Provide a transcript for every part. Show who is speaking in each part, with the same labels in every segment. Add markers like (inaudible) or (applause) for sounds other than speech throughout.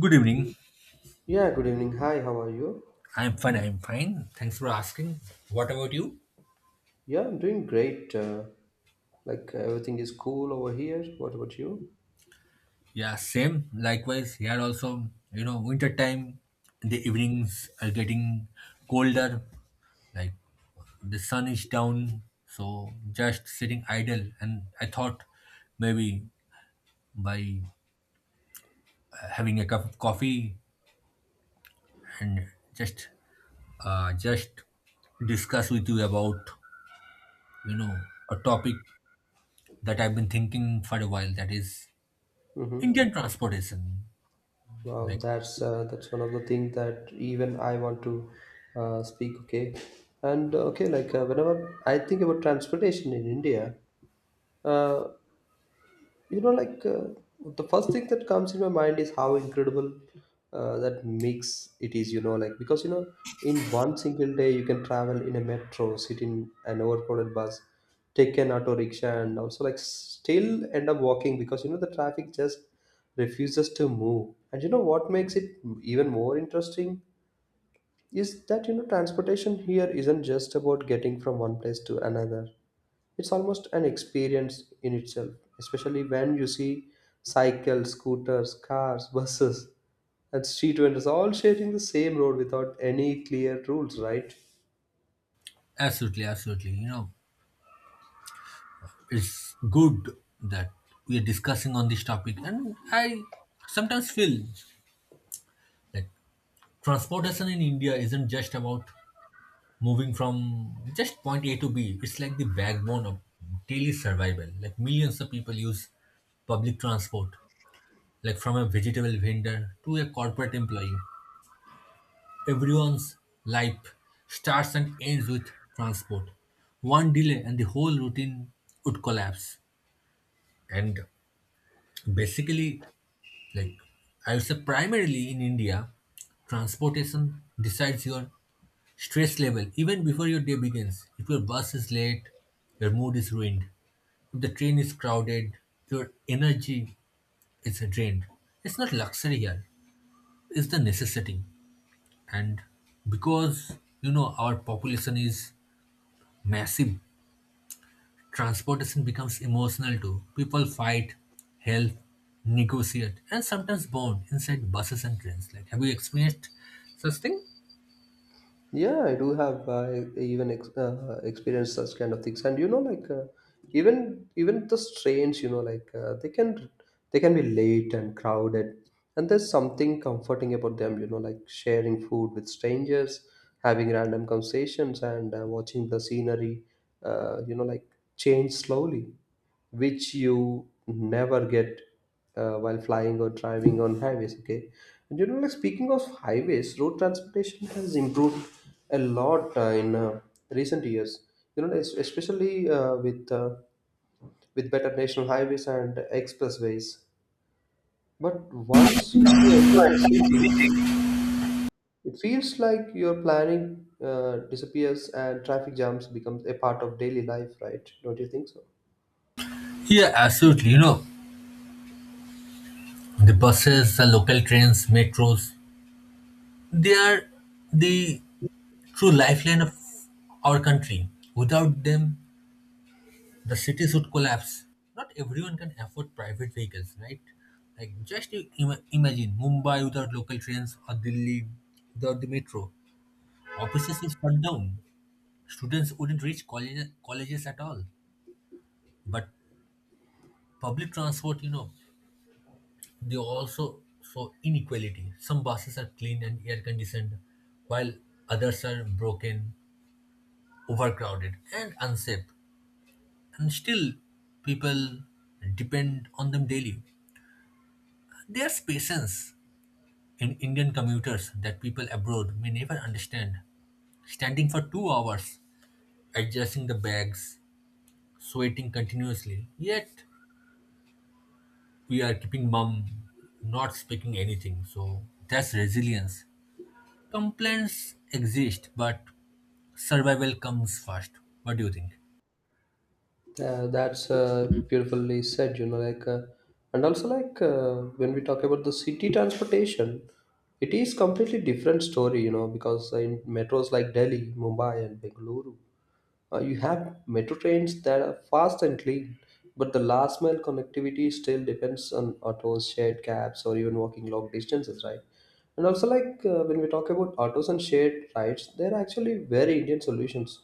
Speaker 1: Good evening.
Speaker 2: Yeah, good evening. Hi, how are you?
Speaker 1: I'm fine. I'm fine. Thanks for asking. What about you?
Speaker 2: Yeah, I'm doing great. Like everything is cool over here. What about you?
Speaker 1: Yeah, same. Likewise, here also, you know, winter time, the evenings are getting colder. Like the sun is down, so just sitting idle. And I thought maybe by having a cup of coffee and just, just discuss with you about, you know, a topic that I've been thinking for a while. That is
Speaker 2: Mm-hmm.
Speaker 1: Indian transportation.
Speaker 2: Wow,
Speaker 1: Like,
Speaker 2: that's one of the things that even I want to speak. Okay, and okay, whenever I think about transportation in India, uh, You know, like uh, the first thing that comes in my mind is how incredible that mix it is, you know, like because you know, in one single day, you can travel in a metro, sit in an overcrowded bus, take an auto rickshaw, and also like still end up walking because you know, the traffic just refuses to move. And you know, what makes it even more interesting is that you know, transportation here isn't just about getting from one place to another, it's almost an experience in itself, especially when you see cycles, scooters, cars, (laughs) buses, and street vendors all sharing the same road without any clear rules, right?
Speaker 1: absolutely, absolutely. You know, it's good that we are discussing on this topic, and I sometimes feel like transportation in India isn't just about moving from just point A to B. It's like the backbone of daily survival. Like millions of people use public transport, like from a vegetable vendor to a corporate employee. Everyone's life starts and ends with transport. One delay and the whole routine would collapse. And basically, like, I would say primarily in India, transportation decides your stress level even before your day begins. If your bus is late, your mood is ruined. If the train is crowded, your energy is drained. It's not luxury here, it's the necessity. And because you know our population is massive, transportation becomes emotional too. People fight, help, negotiate, and sometimes bond inside buses and trains. Like, have you experienced such thing?
Speaker 2: Yeah, I do have experienced such kind of things, and you know, even the trains, you know, they can be late and crowded, and there's something comforting about them, you know, like sharing food with strangers, having random conversations, and watching the scenery, you know, like change slowly, which you never get while flying or driving on highways. Okay, and you know, like speaking of highways, road transportation has improved a lot in recent years. You know, especially with better national highways and expressways. But once you enter the city, it feels like your planning disappears and traffic jams becomes a part of daily life, right? Don't you think so?
Speaker 1: Yeah, absolutely. You know, the buses, the local trains, metros, they are the true lifeline of our country. Without them, the cities would collapse. Not everyone can afford private vehicles, right? Like, just you imagine Mumbai without local trains or Delhi without the metro. Offices would shut down. Students wouldn't reach college, colleges at all. But public transport, you know, they also show inequality. Some buses are clean and air conditioned, while others are broken, overcrowded, and unsafe. And still, people depend on them daily. There's patience in Indian commuters that people abroad may never understand. Standing for 2 hours, adjusting the bags, sweating continuously, yet we are keeping mum, not speaking anything. So that's resilience. Complaints exist, but survival comes first. What do you think?
Speaker 2: That's beautifully said, you know, like, and also like when we talk about the city transportation, it is completely different story, you know, because in metros like Delhi, Mumbai, and Bengaluru, you have metro trains that are fast and clean, but the last mile connectivity still depends on autos, shared cabs, or even walking long distances, right? And also, like when we talk about autos and shared rides, they're actually very Indian solutions.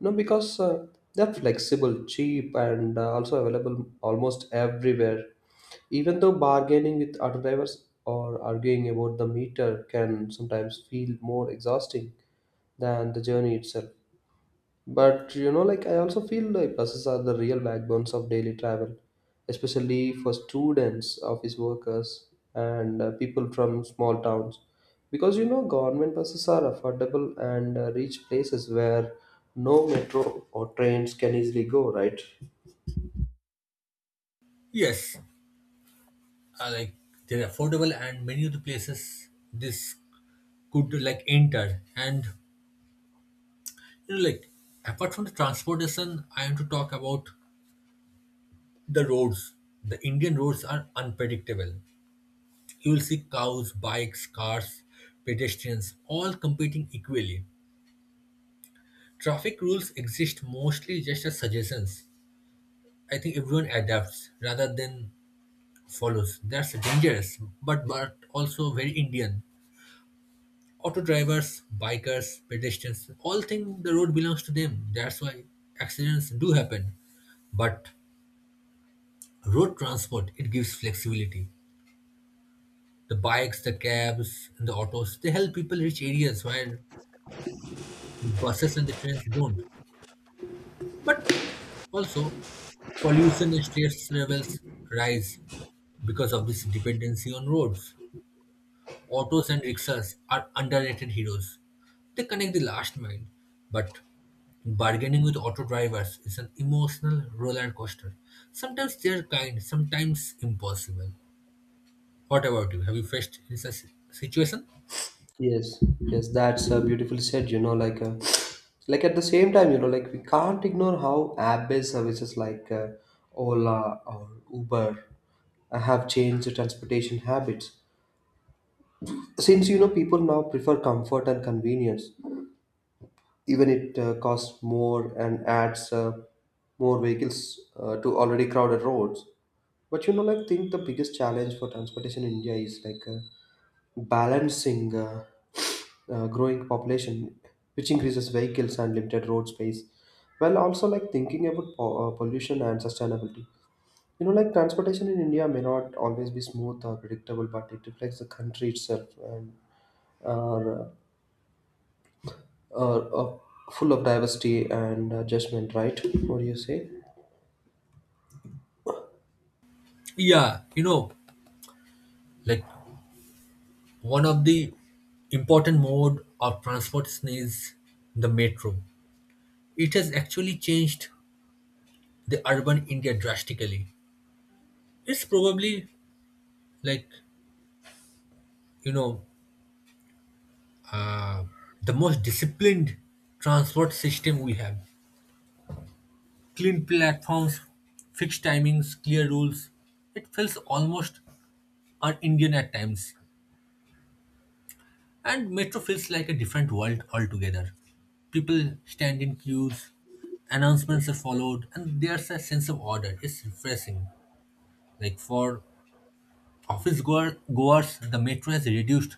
Speaker 2: No, because they're flexible, cheap, and also available almost everywhere. Even though bargaining with auto drivers or arguing about the meter can sometimes feel more exhausting than the journey itself. But you know, like I also feel like buses are the real backbones of daily travel, especially for students, office workers, and people from small towns. Because you know, government buses are affordable and reach places where no metro or trains can easily go, right?
Speaker 1: Yes, like, they're affordable, and many of the places this could like enter. And you know, like apart from the transportation, I want to talk about the roads. The Indian roads are unpredictable. You will see cows, bikes, cars, pedestrians all competing equally. Traffic rules exist mostly just as suggestions. I think everyone adapts rather than follows. That's dangerous, but also very Indian. Auto drivers, bikers, pedestrians, all think the road belongs to them. That's why accidents do happen. But road transport, it gives flexibility. The bikes, the cabs, and the autos, they help people reach areas where the buses and the trains don't. But also, pollution and stress levels rise because of this dependency on roads. Autos and rickshaws are underrated heroes. They connect the last mile, but bargaining with auto drivers is an emotional roller coaster. Sometimes they are kind, sometimes impossible. What about you? Have you faced in such situation?
Speaker 2: Yes, yes, that's beautifully said. You know, like at the same time, you know, like we can't ignore how app-based services like Ola or Uber have changed the transportation habits. Since you know, people now prefer comfort and convenience, even it costs more and adds more vehicles to already crowded roads. But you know, like, think the biggest challenge for transportation in India is like. Balancing growing population, which increases vehicles and limited road space, while also like thinking about pollution and sustainability. You know, like transportation in India may not always be smooth or predictable, but it reflects the country itself and are uh, are full of diversity and adjustment. Right? What do you say?
Speaker 1: Yeah, you know, like, one of the important mode of transport is the metro. It has actually changed the urban India drastically. It's probably like, you know, uh, the most disciplined transport system we have. Clean platforms, fixed timings, clear rules. It feels almost un-Indian at times. And metro feels like a different world altogether. People stand in queues, announcements are followed, and there's a sense of order. It's refreshing. Like for goers, the metro has reduced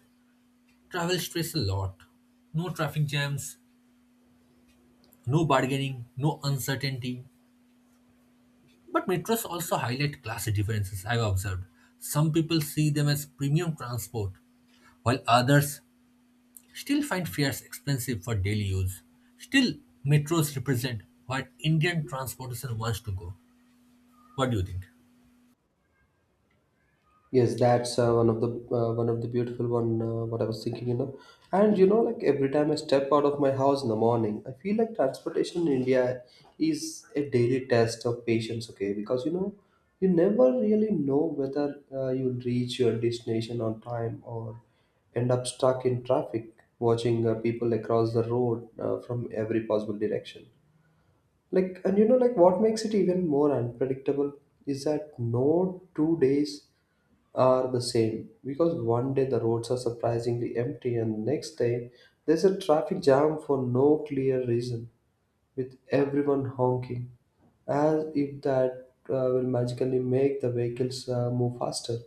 Speaker 1: travel stress a lot. No traffic jams, no bargaining, no uncertainty. But metros also highlight class differences, I've observed. Some people see them as premium transport, while others still find fares expensive for daily use. Still, metros represent what Indian transportation wants to go. What do you think?
Speaker 2: Yes, that's one of the beautiful one. What I was thinking, you know, and you know, like every time I step out of my house in the morning, I feel like transportation in India is a daily test of patience. Okay, because you know, you never really know whether you'll reach your destination on time or end up stuck in traffic, watching people across the road from every possible direction. Like, and you know, like what makes it even more unpredictable is that no two days are the same because one day the roads are surprisingly empty and next day there's a traffic jam for no clear reason with everyone honking as if that will magically make the vehicles move faster.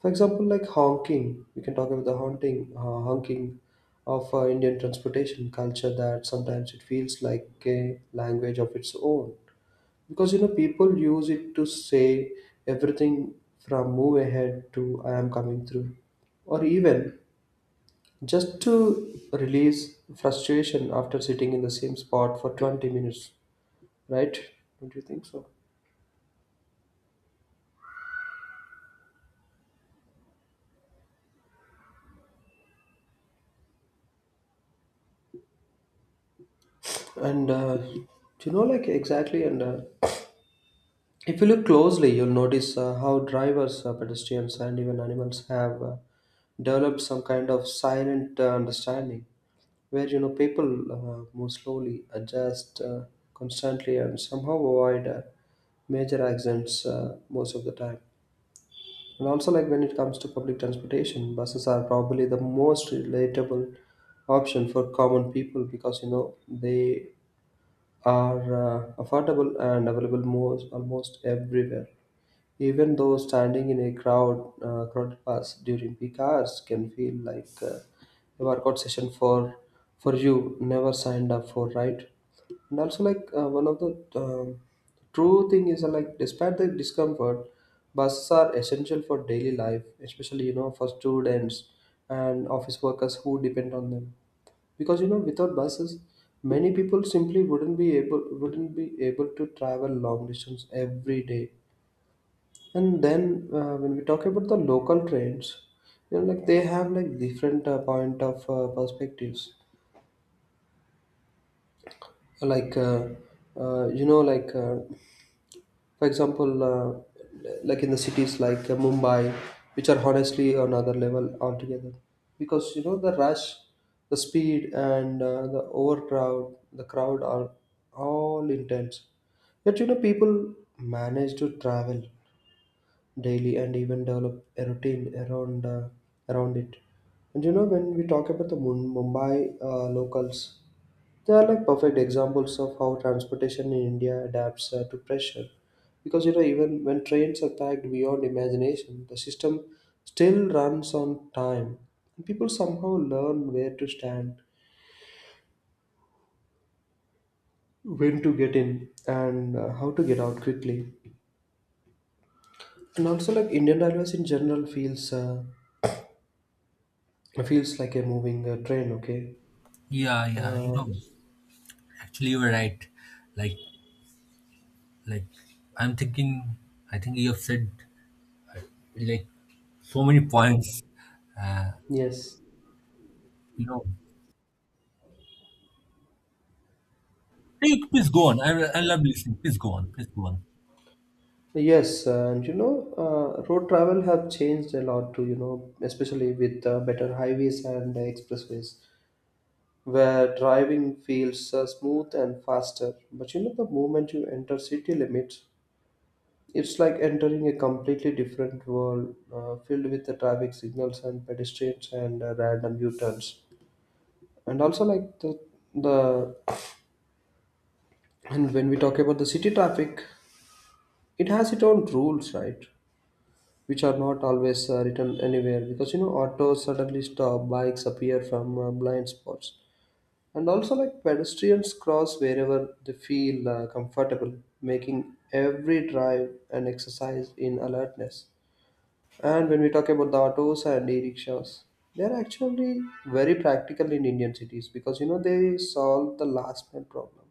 Speaker 2: For example, like honking, we can talk about the haunting honking of Indian transportation culture, that sometimes it feels like a language of its own because you know people use it to say everything, from move ahead to I am coming through, or even just to release frustration after sitting in the same spot for 20 minutes, right? Don't you think so? And you know, like exactly. And if you look closely you'll notice how drivers, pedestrians and even animals have developed some kind of silent understanding where you know people move slowly, adjust constantly, and somehow avoid major accidents most of the time. And also, like when it comes to public transportation, buses are probably the most relatable option for common people because you know they are affordable and available most almost everywhere. Even though standing in a crowded bus during peak hours can feel like a workout session for you never signed up for, right? And also, like one of the true thing is like despite the discomfort, buses are essential for daily life, especially you know for students and office workers who depend on them. Because you know without buses, many people simply wouldn't be able to travel long distance every day. And then when we talk about the local trends, you know, like they have like different point of perspectives. Like uh, uh, you know, like uh, for example, like in the cities like Mumbai, which are honestly another level altogether, because you know the rush, the speed, and the crowd are all intense. Yet you know people manage to travel daily and even develop a routine around it. And you know, when we talk about the Mumbai locals, they are like perfect examples of how transportation in India adapts to pressure. Because you know, even when trains are packed beyond imagination, the system still runs on time. People somehow learn where to stand, when to get in, and how to get out quickly. And also, like Indian Railways in general feels like a moving train. Okay.
Speaker 1: Yeah, yeah, you
Speaker 2: Uh,
Speaker 1: know, actually you were right. Like, like, I'm thinking, I think you have said like so many points.
Speaker 2: yes,
Speaker 1: You know, hey, please go on. I love listening. Please go on. Please go on.
Speaker 2: yes, and you know, road travel have changed a lot too. You know, especially with better highways and expressways, where driving feels smooth and faster. But you know, the moment you enter city limits, it's like entering a completely different world, filled with the traffic signals and pedestrians and random U-turns. And also, like the, and when we talk about the city traffic, it has its own rules, right? Which are not always written anywhere, because you know autos suddenly stop, bikes appear from blind spots, and also like pedestrians cross wherever they feel comfortable, making every drive an exercise in alertness. And when we talk about the autos and e-rickshaws, they are actually very practical in Indian cities because you know they solve the last mile problem,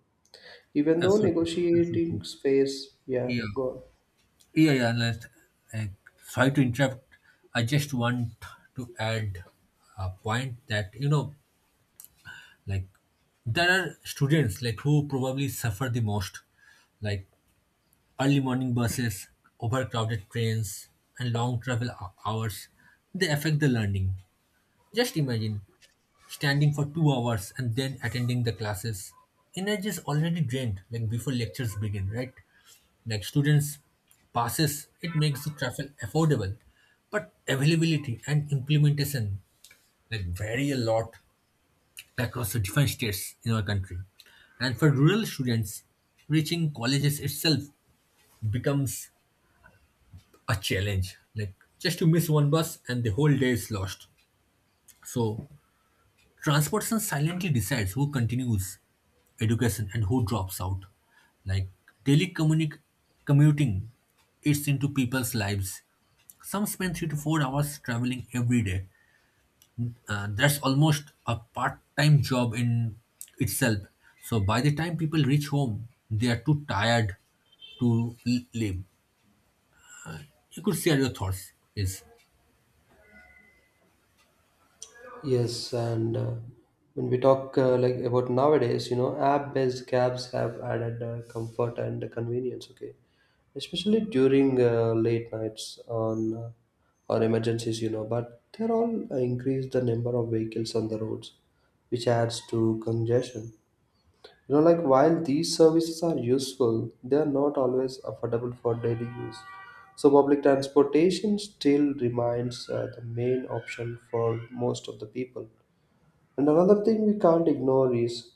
Speaker 2: even though
Speaker 1: Absolutely,
Speaker 2: negotiating
Speaker 1: absolutely.
Speaker 2: space. Yeah,
Speaker 1: Yeah.
Speaker 2: go on.
Speaker 1: Yeah, yeah. Let's, uh, sorry to interrupt. I just want to add a point that, you know, like there are students like who probably suffer the most, like early morning buses, overcrowded trains, and long hours. They affect the learning. Just imagine standing for 2 hours and then attending the classes. Energy is already drained like before lectures begin, right? Like students passes, it makes the travel affordable. But availability and implementation like vary a lot across the different states in our country. And for rural students, reaching colleges itself becomes a challenge. Like just to miss one bus and the whole day is lost. So transportation silently decides who continues education and who drops out. Like daily commuting eats into people's lives. Some spend 3 to 4 hours traveling every day. That's almost a part time job in itself. So by the time people reach home, they are too tired to live. You could share your thoughts. Yes.
Speaker 2: Yes, and when we talk like about nowadays, you know, app-based cabs have added comfort and convenience. Okay, especially during late nights on or emergencies, you know. But they're all increase the number of vehicles on the roads, which adds to congestion. You know, like while these services are useful, they are not always affordable for daily use. So public transportation still remains the main option for most of the people. And another thing we can't ignore is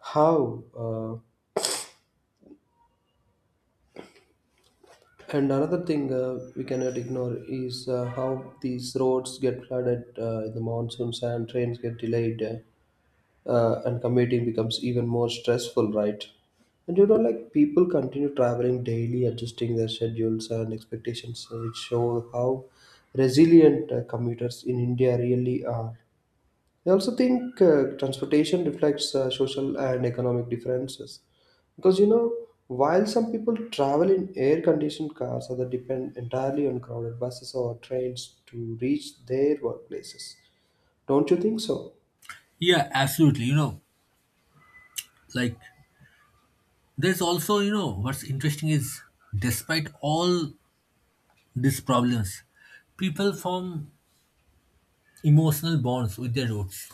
Speaker 2: how, and another thing we cannot ignore is how these roads get flooded in the monsoons and trains get delayed, and commuting becomes even more stressful, right? And you know, like people continue traveling daily, adjusting their schedules and expectations, which show how resilient commuters in India really are. I also think transportation reflects social and economic differences because you know while some people travel in air-conditioned cars, others depend entirely on crowded buses or trains to reach their workplaces. Don't you think so?
Speaker 1: Yeah, absolutely. You know, like, there's also, you know, what's interesting is despite all these problems, people form emotional bonds with their roots.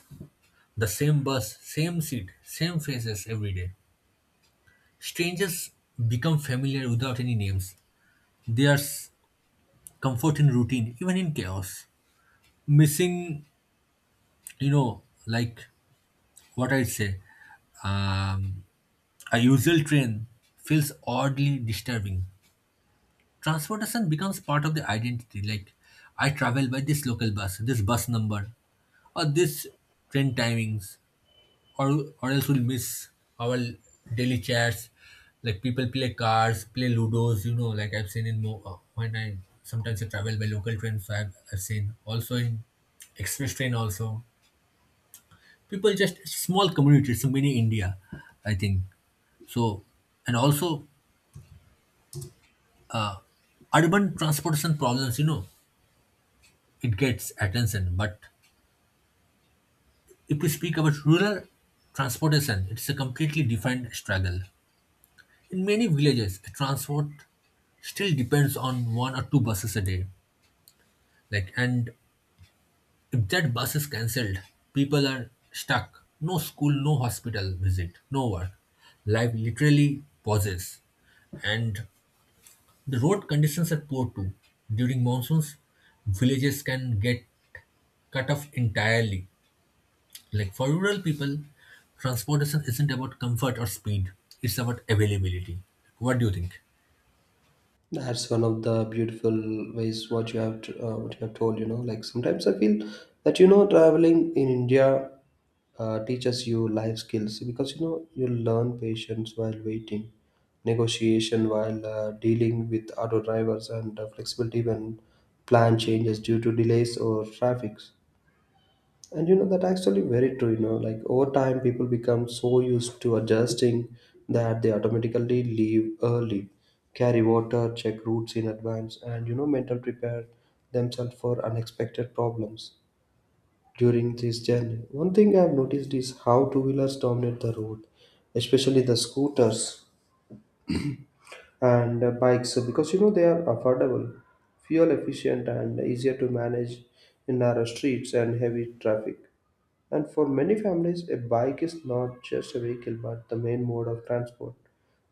Speaker 1: The same bus, same seat, same faces every day. Strangers become familiar without any names. There's comfort in routine, even in chaos. Missing, you know, like what I say, um, a usual train feels oddly disturbing. Transportation becomes part of the identity. Like, I travel by this local bus, this bus number, or this train timings, or else we'll miss our daily chats. Like people play cards, play ludos. You know, like I've seen in when I sometimes I travel by local trains. So I've seen also in express train also. People just small community. It's a mini India, I think. So and also urban transportation problems. You know, it gets attention, but if we speak about rural transportation, it's a completely different struggle. In many villages, transport still depends on one or two buses a day. Like, and if that bus is cancelled, people are stuck. No school, no hospital visit, no work. Life literally pauses. And the road conditions are poor too. During monsoons, villages can get cut off entirely. Like for rural people, transportation isn't about comfort or speed, it's about availability. What do you think?
Speaker 2: That's one of the beautiful ways what you have what you have told. You know, like sometimes I feel that you know traveling in India teaches you life skills because you know you learn patience while waiting, negotiation while dealing with auto drivers, and flexibility when plan changes due to delays or traffics. And you know that actually very true. You know, like over time, people become so used to adjusting that they automatically leave early, carry water, check routes in advance, and, you know, mental prepare themselves for unexpected problems during this journey. One thing I've noticed is how two-wheelers dominate the road, especially the scooters and bikes, because you know they are affordable, fuel efficient, and easier to manage in narrow streets and heavy traffic. And for many families, a bike is not just a vehicle but the main mode of transport,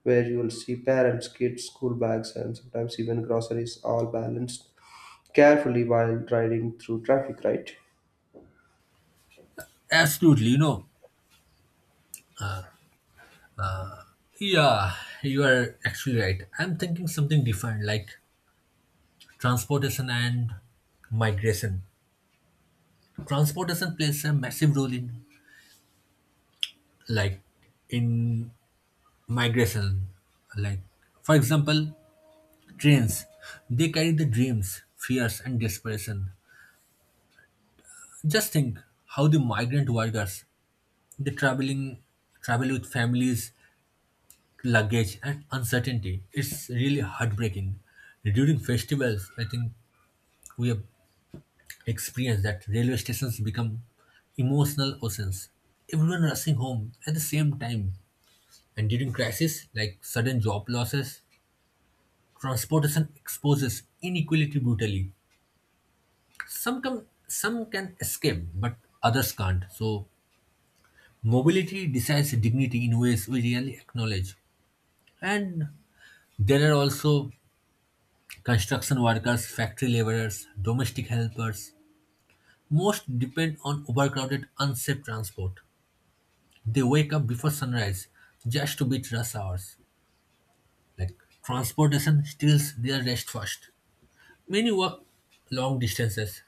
Speaker 2: where you will see parents, kids, school bags, and sometimes even groceries all balanced carefully while riding through traffic, right?
Speaker 1: Absolutely, you know, yeah, you are actually right. I'm thinking something different like transportation and migration. Transportation plays a massive role like in migration. Like for example, trains. They carry the dreams, fears and desperation. Just think how the migrant workers they travel with families, luggage and uncertainty. It's really heartbreaking. During festivals, I think we have experience that railway stations become emotional oceans. Everyone rushing home at the same time. And during crises like sudden job losses, transportation exposes inequality brutally. Some can escape, but others can't. So mobility decides dignity in ways we rarely acknowledge. And there are also construction workers, factory laborers, domestic helpers. Most depend on overcrowded, unsafe transport. They wake up before sunrise just to beat rush hours. Like, transportation steals their rest first. Many work long distances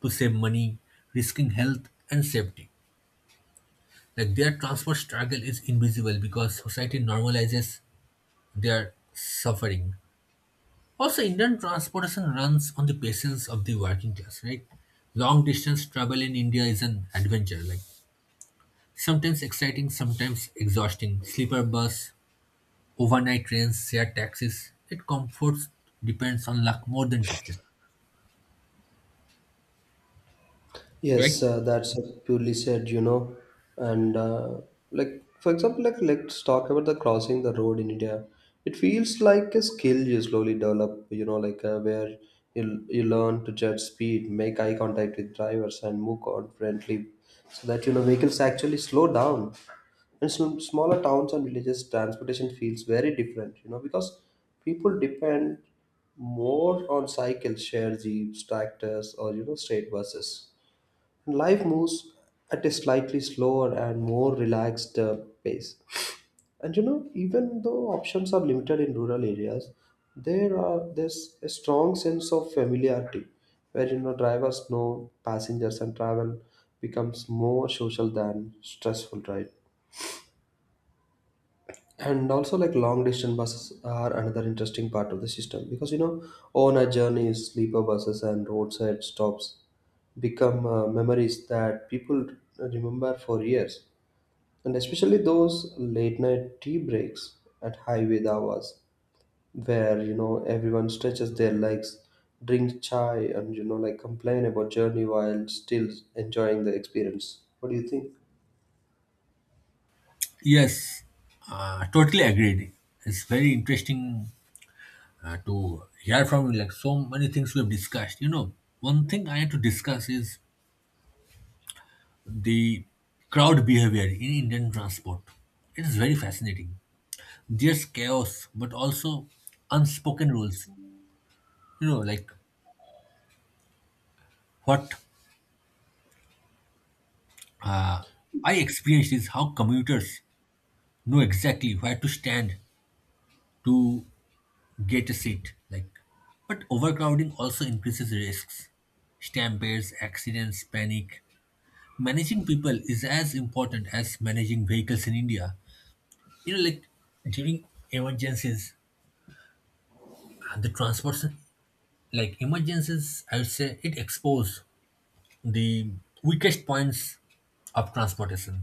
Speaker 1: to save money, risking health and safety. Like, their transport struggle is invisible because society normalizes their suffering. Also, Indian transportation runs on the patience of the working class, right? Long distance travel in India is an adventure, like sometimes exciting, sometimes exhausting. Sleeper bus, overnight trains, shared taxis, it comforts depends on luck more than tickets, right?
Speaker 2: Yes, that's purely said, you know. And like, for example, like let's talk about the crossing the road in India. It feels like a skill you slowly develop, you know, like where you learn to judge speed, make eye contact with drivers, and move confidently, so that you know vehicles actually slow down. In some smaller towns and villages, transportation feels very different, you know, because people depend more on cycles, shared jeeps, tractors, or, you know, straight buses. Life moves at a slightly slower and more relaxed pace. And you know, even though options are limited in rural areas, there's a strong sense of familiarity, where you know drivers know passengers and travel becomes more social than stressful, right? And also like long distance buses are another interesting part of the system, because you know on our journeys sleeper buses and roadside stops become memories that people remember for years, and especially those late night tea breaks at highway hours, where you know everyone stretches their legs, drink chai, and, you know, like complain about journey while still enjoying the experience. What do you think?
Speaker 1: Yes, totally agreed. It's very interesting to hear from you. Like so many things we have discussed. You know, one thing I had to discuss is the crowd behavior in Indian transport. It is very fascinating. There's chaos, but also unspoken rules. You know, like what I experienced is how commuters know exactly where to stand to get a seat. Like, but overcrowding also increases risks, stampedes, accidents, panic. Managing people is as important as managing vehicles in India. You know, like during emergencies, the transport, like emergencies, I would say it expose the weakest points of transportation.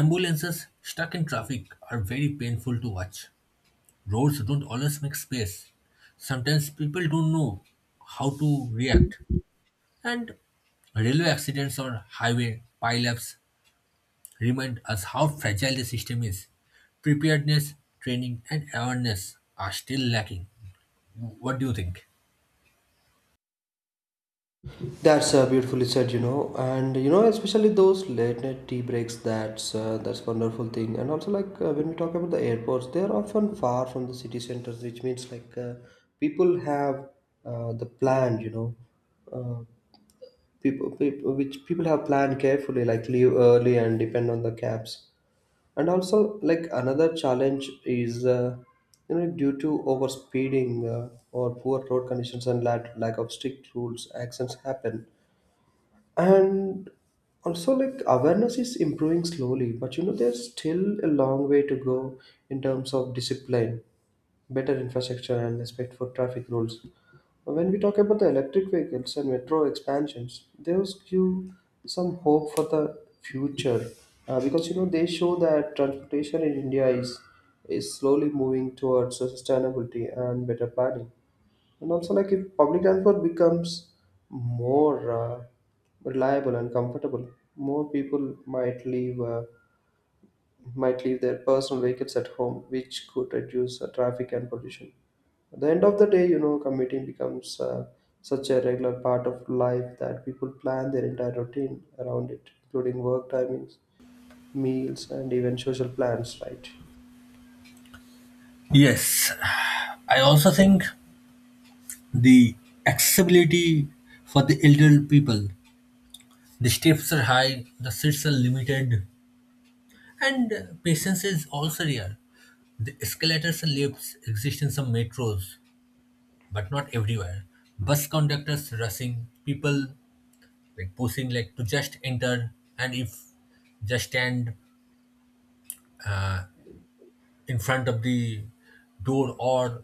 Speaker 1: Ambulances stuck in traffic are very painful to watch. Roads don't always make space. Sometimes people don't know how to react. And railway accidents or highway pileups remind us how fragile the system is. Preparedness, training, and awareness are still lacking. What do you think?
Speaker 2: That's beautifully said, you know, and you know, especially those late night tea breaks. That's wonderful thing, and also like when we talk about the airports, they are often far from the city centers, which means like people have the plan, you know, uh, people have planned carefully, like leave early and depend on the cabs. And also like another challenge is. You know, due to overspeeding or poor road conditions and lack of strict rules, accidents happen. And also like awareness is improving slowly, but you know there's still a long way to go in terms of discipline, better infrastructure, and respect for traffic rules. When we talk about the electric vehicles and metro expansions, those give some hope for the future, because you know they show that transportation in India is slowly moving towards sustainability and better planning. And also like if public transport becomes more reliable and comfortable, more people might leave their personal vehicles at home, which could reduce traffic and pollution. At the end of the day, you know, commuting becomes such a regular part of life that people plan their entire routine around it, including work timings, meals, and even social plans, right?
Speaker 1: Yes, I also think the accessibility for the elderly people. The steps are high, the seats are limited, and patience is also rare. The escalators and lifts exist in some metros, but not everywhere. Bus conductors rushing, people like pushing like to just enter, and if just stand in front of the door or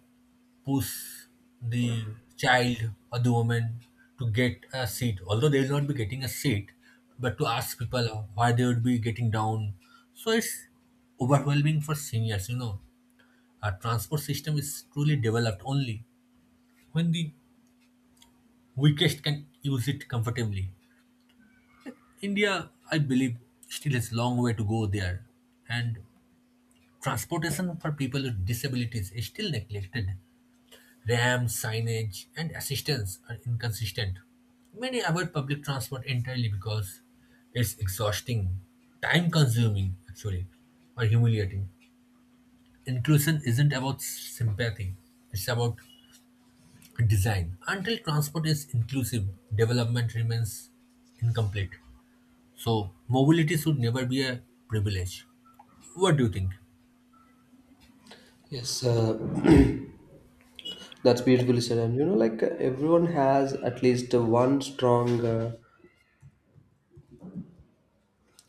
Speaker 1: push the child or the woman to get a seat, although they will not be getting a seat, but to ask people why they would be getting down. So it's overwhelming for seniors. You know, our transport system is truly developed only when the weakest can use it comfortably. India, I believe, still has long way to go there. And transportation for people with disabilities is still neglected. Ramps, signage, and assistance are inconsistent. Many avoid public transport entirely because it's exhausting, time consuming, actually, or humiliating. Inclusion isn't about sympathy, it's about design. Until transport is inclusive, development remains incomplete. So, mobility should never be a privilege. What do you think?
Speaker 2: Yes, (clears throat) that's beautifully said. And you know, like everyone has at least one strong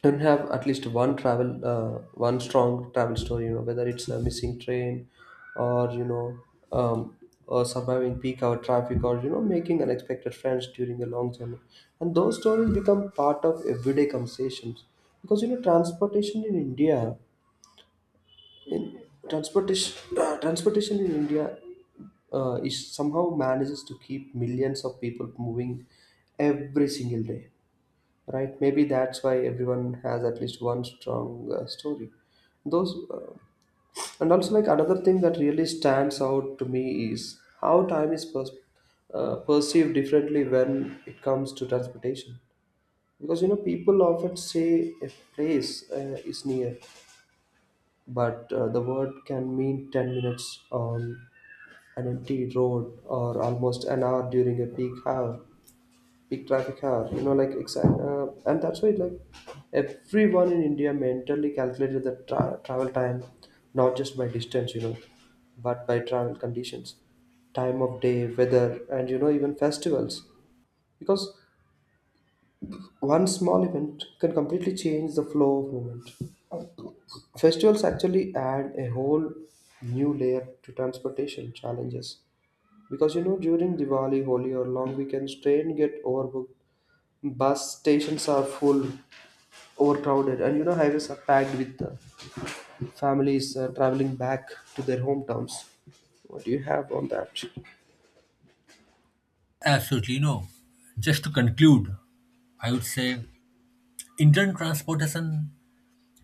Speaker 2: and have at least one travel one strong travel story, you know, whether it's a missing train, or you know, um, or surviving peak hour traffic, or you know making unexpected friends during a long journey. And those stories become part of everyday conversations, because you know transportation in india transportation (clears throat) transportation in India is somehow manages to keep millions of people moving every single day. Right? Maybe that's why everyone has at least one strong story. Those, uh, and also like another thing that really stands out to me is how time is perceived differently when it comes to transportation. Because you know, people often say a place is near, but the word can mean 10 minutes on an empty road or almost an hour during a peak hour big traffic hour, you know, like exact and that's why like everyone in India mentally calculated the travel time, not just by distance, you know, but by travel conditions, time of day, weather, and you know even festivals, because one small event can completely change the flow of movement. Festivals actually add a whole new layer to transportation challenges, because you know during Diwali, Holi, or long weekends, train get overbooked, bus stations are full, overcrowded, and you know highways are packed with families traveling back to their hometowns. What do you have on that?
Speaker 1: Absolutely no. Just to conclude, I would say Indian transportation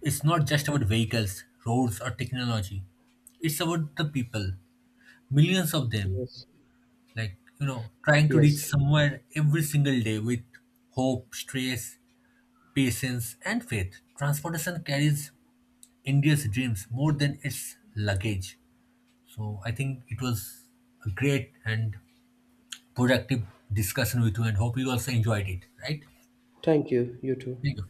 Speaker 1: is not just about vehicles, roads, or technology. It's about the people, millions of them,
Speaker 2: Yes.
Speaker 1: like, you know, trying to reach
Speaker 2: Yes.
Speaker 1: somewhere every single day with hope, stress, patience, and faith. Transportation carries India's dreams more than its luggage. So I think it was a great and productive discussion with you, and hope you also enjoyed it, right?
Speaker 2: Thank you. You too.
Speaker 1: Thank you.